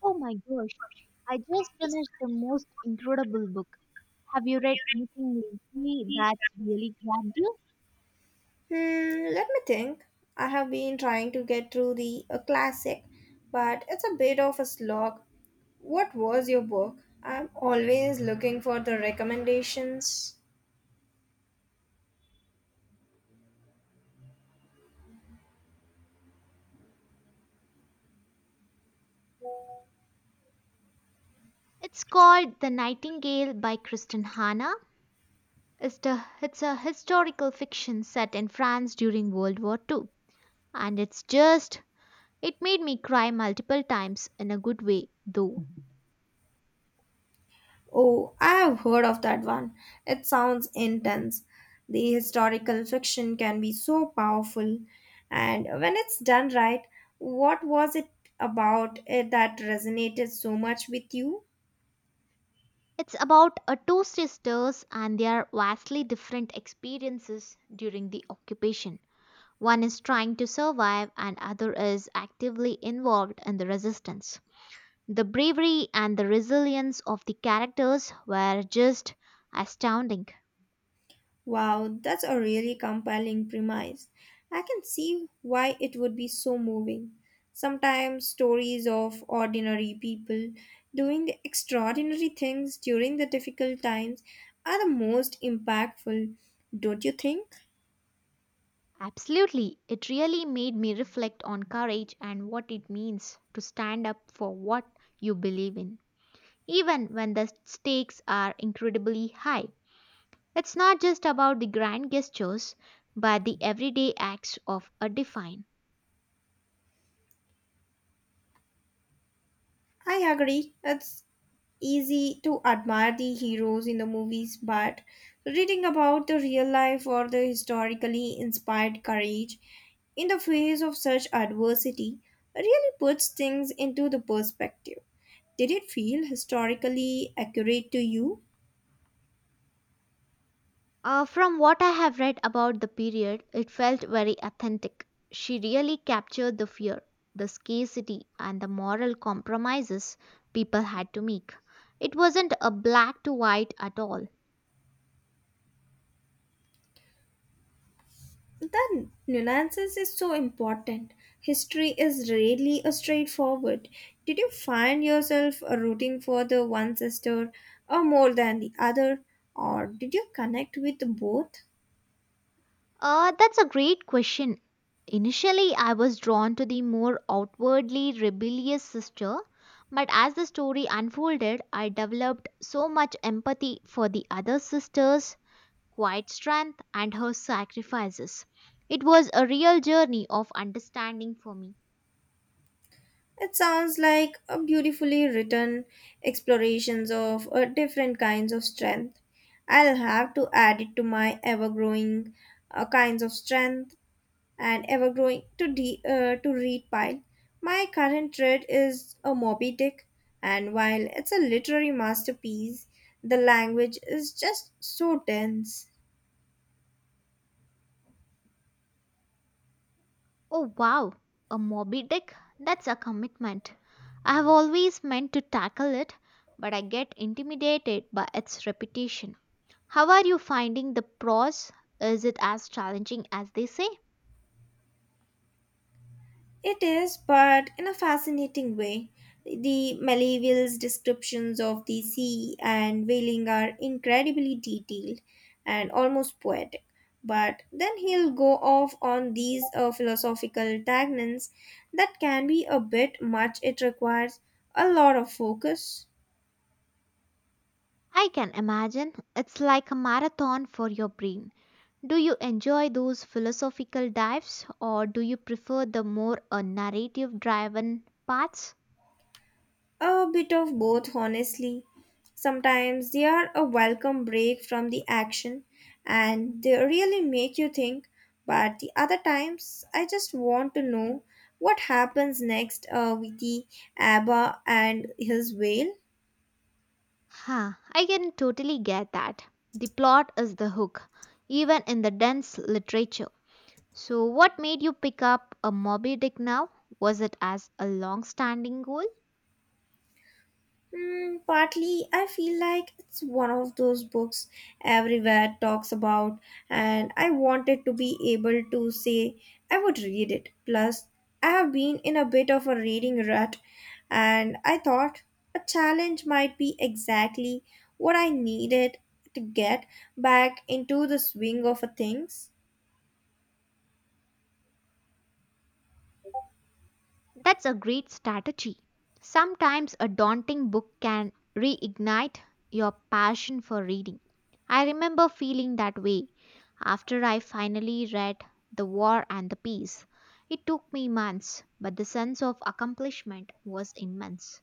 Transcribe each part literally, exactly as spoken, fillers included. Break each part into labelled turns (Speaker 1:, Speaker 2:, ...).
Speaker 1: Oh my gosh, I just finished the most incredible book. Have you read anything lately that's really grabbed you?
Speaker 2: Hmm, let me think. I have been trying to get through the a classic, but it's a bit of a slog. What was your book? I'm always looking for the recommendations.
Speaker 1: It's called The Nightingale by Kristen Hanna. It's, the, it's a historical fiction set in France during World War second. And it's just, it made me cry multiple times in a good way, though. Mhm.
Speaker 2: Oh, I have heard of that one. It sounds intense. The historical fiction can be so powerful, and when it's done right, what was it about it that resonated so much with you?
Speaker 1: It's about a two sisters and their vastly different experiences during the occupation. One is trying to survive and other is actively involved in the resistance. The bravery and the resilience of the characters were just astounding.
Speaker 2: Wow, that's a really compelling premise. I can see why it would be so moving. Sometimes stories of ordinary people doing extraordinary things during the difficult times are the most impactful, don't you think?
Speaker 1: Absolutely, it really made me reflect on courage and what it means to stand up for what you believe in, even when the stakes are incredibly high. It's not just about the grand gestures, but the everyday acts of a define.
Speaker 2: I agree. It's easy to admire the heroes in the movies, but reading about the real life or the historically inspired courage in the face of such adversity really puts things into the perspective. Did it feel historically accurate to you?
Speaker 1: Uh, from what I have read about the period, it felt very authentic. She really captured the fear, the scarcity, and the moral compromises people had to make. It wasn't a black to white at all.
Speaker 2: The nuances is so important. History is rarely a straightforward. Did you find yourself rooting for the one sister or more than the other, or did you connect with both?
Speaker 1: Uh, that's a great question. Initially, I was drawn to the more outwardly rebellious sister, but as the story unfolded, I developed so much empathy for the other sisters quiet strength, and her sacrifices. It was a real journey of understanding for me.
Speaker 2: It sounds like a beautifully written explorations of uh, different kinds of strength. I'll have to add it to my ever growing uh, kinds of strength. And ever growing to, de- uh, to read pile. My current read is a Moby Dick, and while it's a literary masterpiece, the language is just so dense.
Speaker 1: Oh wow, a Moby Dick? That's a commitment. I have always meant to tackle it, but I get intimidated by its reputation. How are you finding the pros? Is it as challenging as they say?
Speaker 2: It is, but in a fascinating way. The Malevol's descriptions of the sea and whaling are incredibly detailed and almost poetic. But then he'll go off on these uh, philosophical tangents that can be a bit much. It requires a lot of focus.
Speaker 1: I can imagine it's like a marathon for your brain. Do you enjoy those philosophical dives or do you prefer the more uh, narrative driven parts?
Speaker 2: A bit of both, honestly. Sometimes they are a welcome break from the action and they really make you think, but the other times I just want to know what happens next uh, with the Abba and his whale.
Speaker 1: Huh, I can totally get that. The plot is the hook, even in the dense literature. So, what made you pick up a Moby Dick now? Was it as a long standing goal?
Speaker 2: Hmm, partly, I feel like it's one of those books everywhere talks about, and I wanted to be able to say I would read it. Plus, I have been in a bit of a reading rut, and I thought a challenge might be exactly what I needed to get back into the swing of a things.
Speaker 1: That's a great strategy. Sometimes a daunting book can reignite your passion for reading. I remember feeling that way after I finally read The War and the Peace. It took me months, but the sense of accomplishment was immense.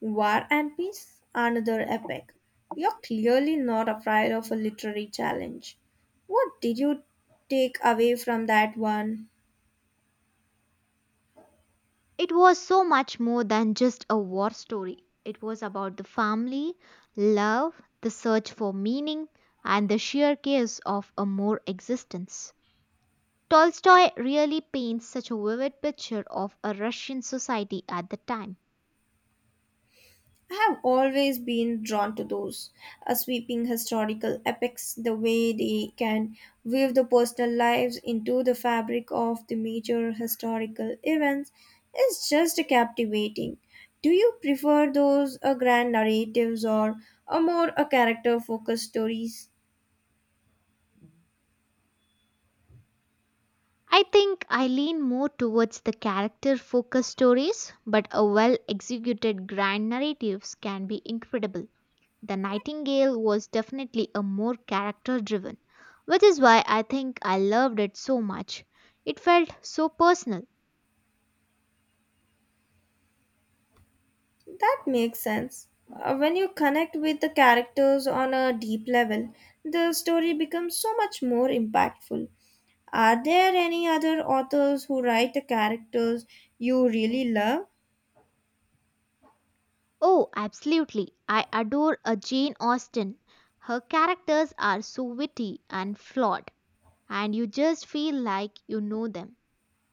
Speaker 2: War and Peace, another epic. You're clearly not afraid of a literary challenge. What did you take away from that one?
Speaker 1: It was so much more than just a war story. It was about the family, love, the search for meaning, and the sheer chaos of a more existence. Tolstoy really paints such a vivid picture of a Russian society at the time.
Speaker 2: I have always been drawn to those uh, sweeping historical epics, the way they can weave the personal lives into the fabric of the major historical events is just captivating. Do you prefer those uh, grand narratives or a more uh, character focused stories?
Speaker 1: I think I lean more towards the character focused stories, but a well executed grand narratives can be incredible. The Nightingale was definitely a more character driven, which is why I think I loved it so much. It felt so personal.
Speaker 2: That makes sense. Uh, when you connect with the characters on a deep level, the story becomes so much more impactful. Are there any other authors who write the characters you really love?
Speaker 1: Oh, absolutely. I adore a Jane Austen. Her characters are so witty and flawed and you just feel like you know them.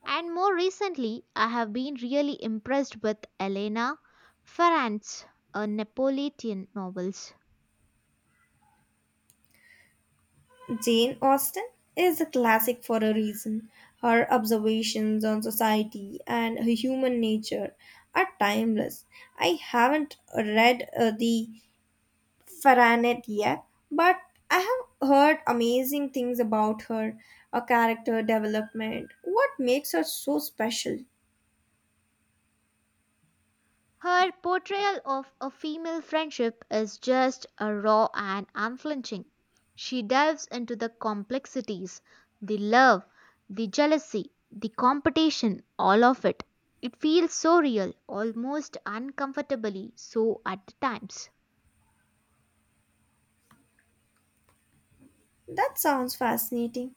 Speaker 1: And more recently, I have been really impressed with Elena Ferrant's uh, Napolitan novels.
Speaker 2: Jane Austen is a classic for a reason. Her observations on society and her human nature are timeless. I haven't read uh, the Faranet yet, but I have heard amazing things about her, her character development, what makes her so special.
Speaker 1: Her portrayal of a female friendship is just uh, raw and unflinching. She delves into the complexities, the love, the jealousy, the competition, all of it. It feels so real, almost uncomfortably so at times.
Speaker 2: That sounds fascinating.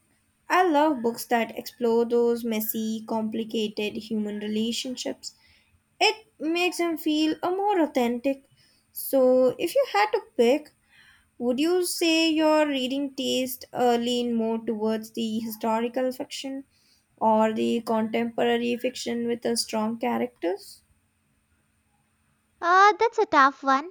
Speaker 2: I love books that explore those messy, complicated human relationships. It makes them feel a more authentic. So, if you had to pick, would you say your reading taste uh, lean more towards the historical fiction or the contemporary fiction with a strong characters?
Speaker 1: Uh, that's a tough one.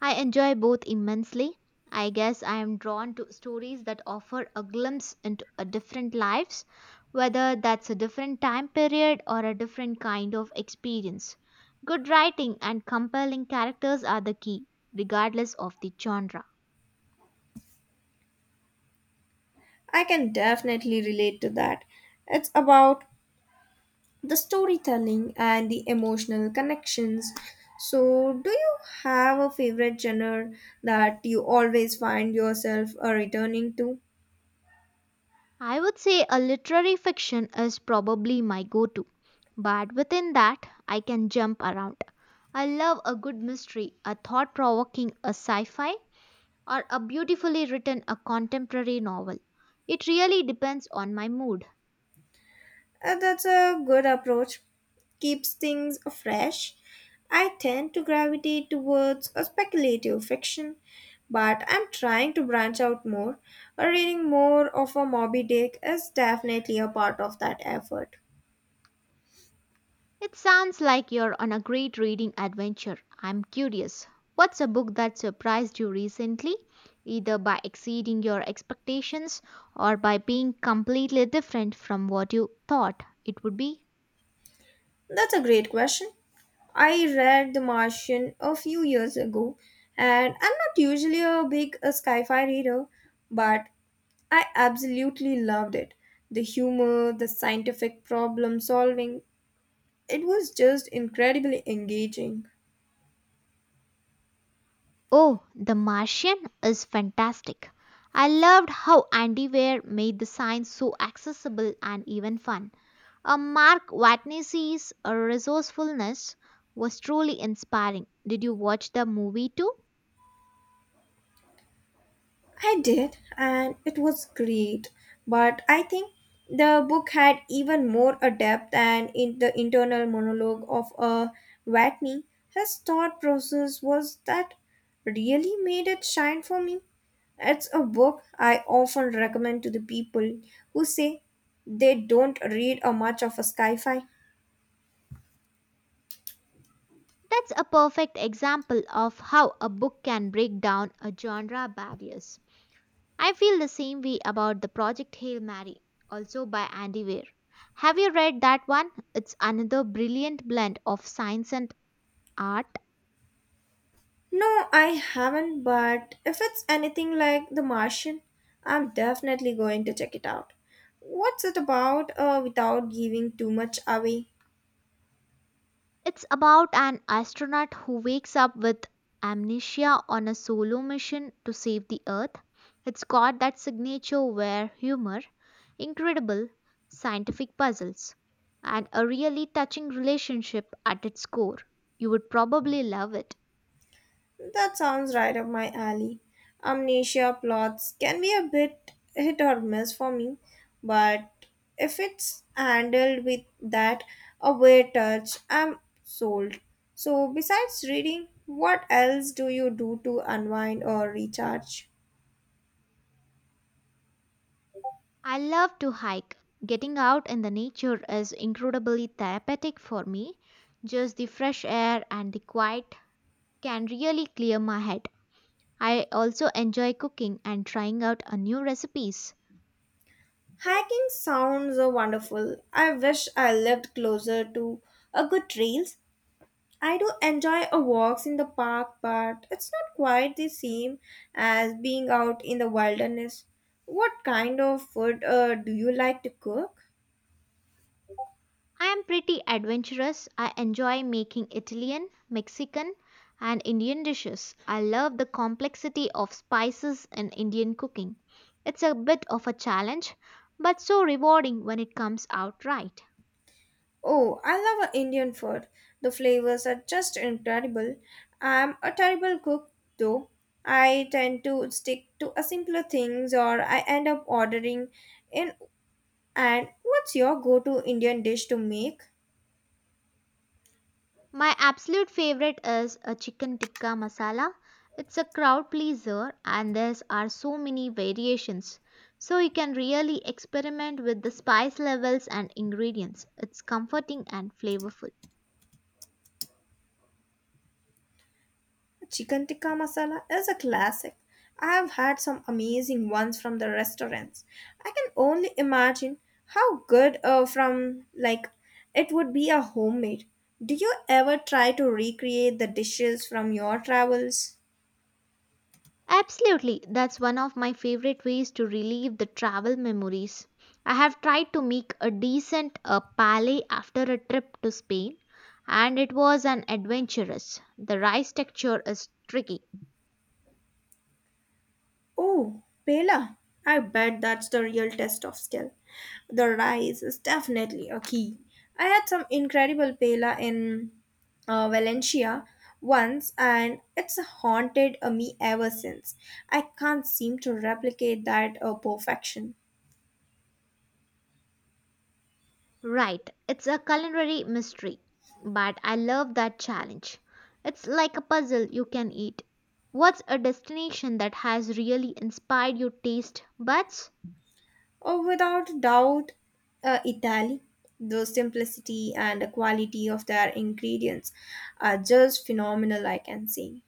Speaker 1: I enjoy both immensely. I guess I am drawn to stories that offer a glimpse into a different lives, whether that's a different time period or a different kind of experience. Good writing and compelling characters are the key, regardless of the genre.
Speaker 2: I can definitely relate to that. It's about the storytelling and the emotional connections. So, do you have a favorite genre that you always find yourself uh, returning to?
Speaker 1: I would say a literary fiction is probably my go to, but within that, I can jump around. I love a good mystery, a thought provoking, a sci fi, or a beautifully written a contemporary novel. It really depends on my mood.
Speaker 2: Uh, that's a good approach. Keeps things fresh. I tend to gravitate towards a speculative fiction, but I'm trying to branch out more. Uh, Reading more of a Moby Dick is definitely a part of that effort.
Speaker 1: It sounds like you're on a great reading adventure. I'm curious. What's a book that surprised you recently, either by exceeding your expectations or by being completely different from what you thought it would be?
Speaker 2: That's a great question. I read The Martian a few years ago, and I'm not usually a big uh, sci-fi reader, but I absolutely loved it. The humor, the scientific problem solving, it was just incredibly engaging.
Speaker 1: Oh, The Martian is fantastic. I loved how Andy Weir made the science so accessible and even fun. Uh, Mark Watney's resourcefulness was truly inspiring. Did you watch the movie too?
Speaker 2: I did, and it was great. But I think the book had even more a depth and in the internal monologue of a Watney. His thought process was that really made it shine for me. It's a book I often recommend to the people who say they don't read a much of a sci-fi.
Speaker 1: That's a perfect example of how a book can break down a genre barriers. I feel the same way about the Project Hail Mary, also by Andy Weir. Have you read that one? It's another brilliant blend of science and art.
Speaker 2: No, I haven't, but if it's anything like The Martian, I'm definitely going to check it out. What's it about uh, without giving too much away?
Speaker 1: It's about an astronaut who wakes up with amnesia on a solo mission to save the Earth. It's got that signature where humor, incredible scientific puzzles, and a really touching relationship at its core. You would probably love it.
Speaker 2: That sounds right up my alley. Amnesia plots can be a bit hit or miss for me, but if it's handled with that aware touch, I'm sold. So, besides reading, what else do you do to unwind or recharge?
Speaker 1: I love to hike. Getting out in the nature is incredibly therapeutic for me. Just the fresh air and the quiet can really clear my head. I also enjoy cooking and trying out a new recipes.
Speaker 2: Hiking sounds uh, wonderful. I wish I lived closer to a good trails. I do enjoy a walks in the park, but it's not quite the same as being out in the wilderness. What kind of food uh, do you like to cook?
Speaker 1: I am pretty adventurous. I enjoy making Italian, Mexican, and Indian dishes. I love the complexity of spices in Indian cooking. It's a bit of a challenge, but so rewarding when it comes out right.
Speaker 2: Oh, I love uh, Indian food. The flavors are just incredible. I'm a terrible cook though. I tend to stick to a simpler things or I end up ordering in. And what's your go to Indian dish to make?
Speaker 1: My absolute favorite is a chicken tikka masala. It's a crowd pleaser and there are so many variations. So you can really experiment with the spice levels and ingredients. It's comforting and flavorful.
Speaker 2: Chicken tikka masala is a classic. I have had some amazing ones from the restaurants. I can only imagine how good uh, from like it would be a homemade. Do you ever try to recreate the dishes from your travels?
Speaker 1: Absolutely, that's one of my favorite ways to relieve the travel memories. I have tried to make a decent uh, palais after a trip to Spain and it was an adventurous. The rice texture is tricky.
Speaker 2: Oh, Pela. I bet that's the real test of skill. The rice is definitely a key. I had some incredible Pela in uh, Valencia once and it's haunted uh, me ever since. I can't seem to replicate that uh, perfection.
Speaker 1: Right, it's a culinary mystery, but I love that challenge. It's like a puzzle you can eat. What's a destination that has really inspired your taste buds?
Speaker 2: Oh, without doubt, uh, Italy. The simplicity and the quality of their ingredients are just phenomenal, I can say.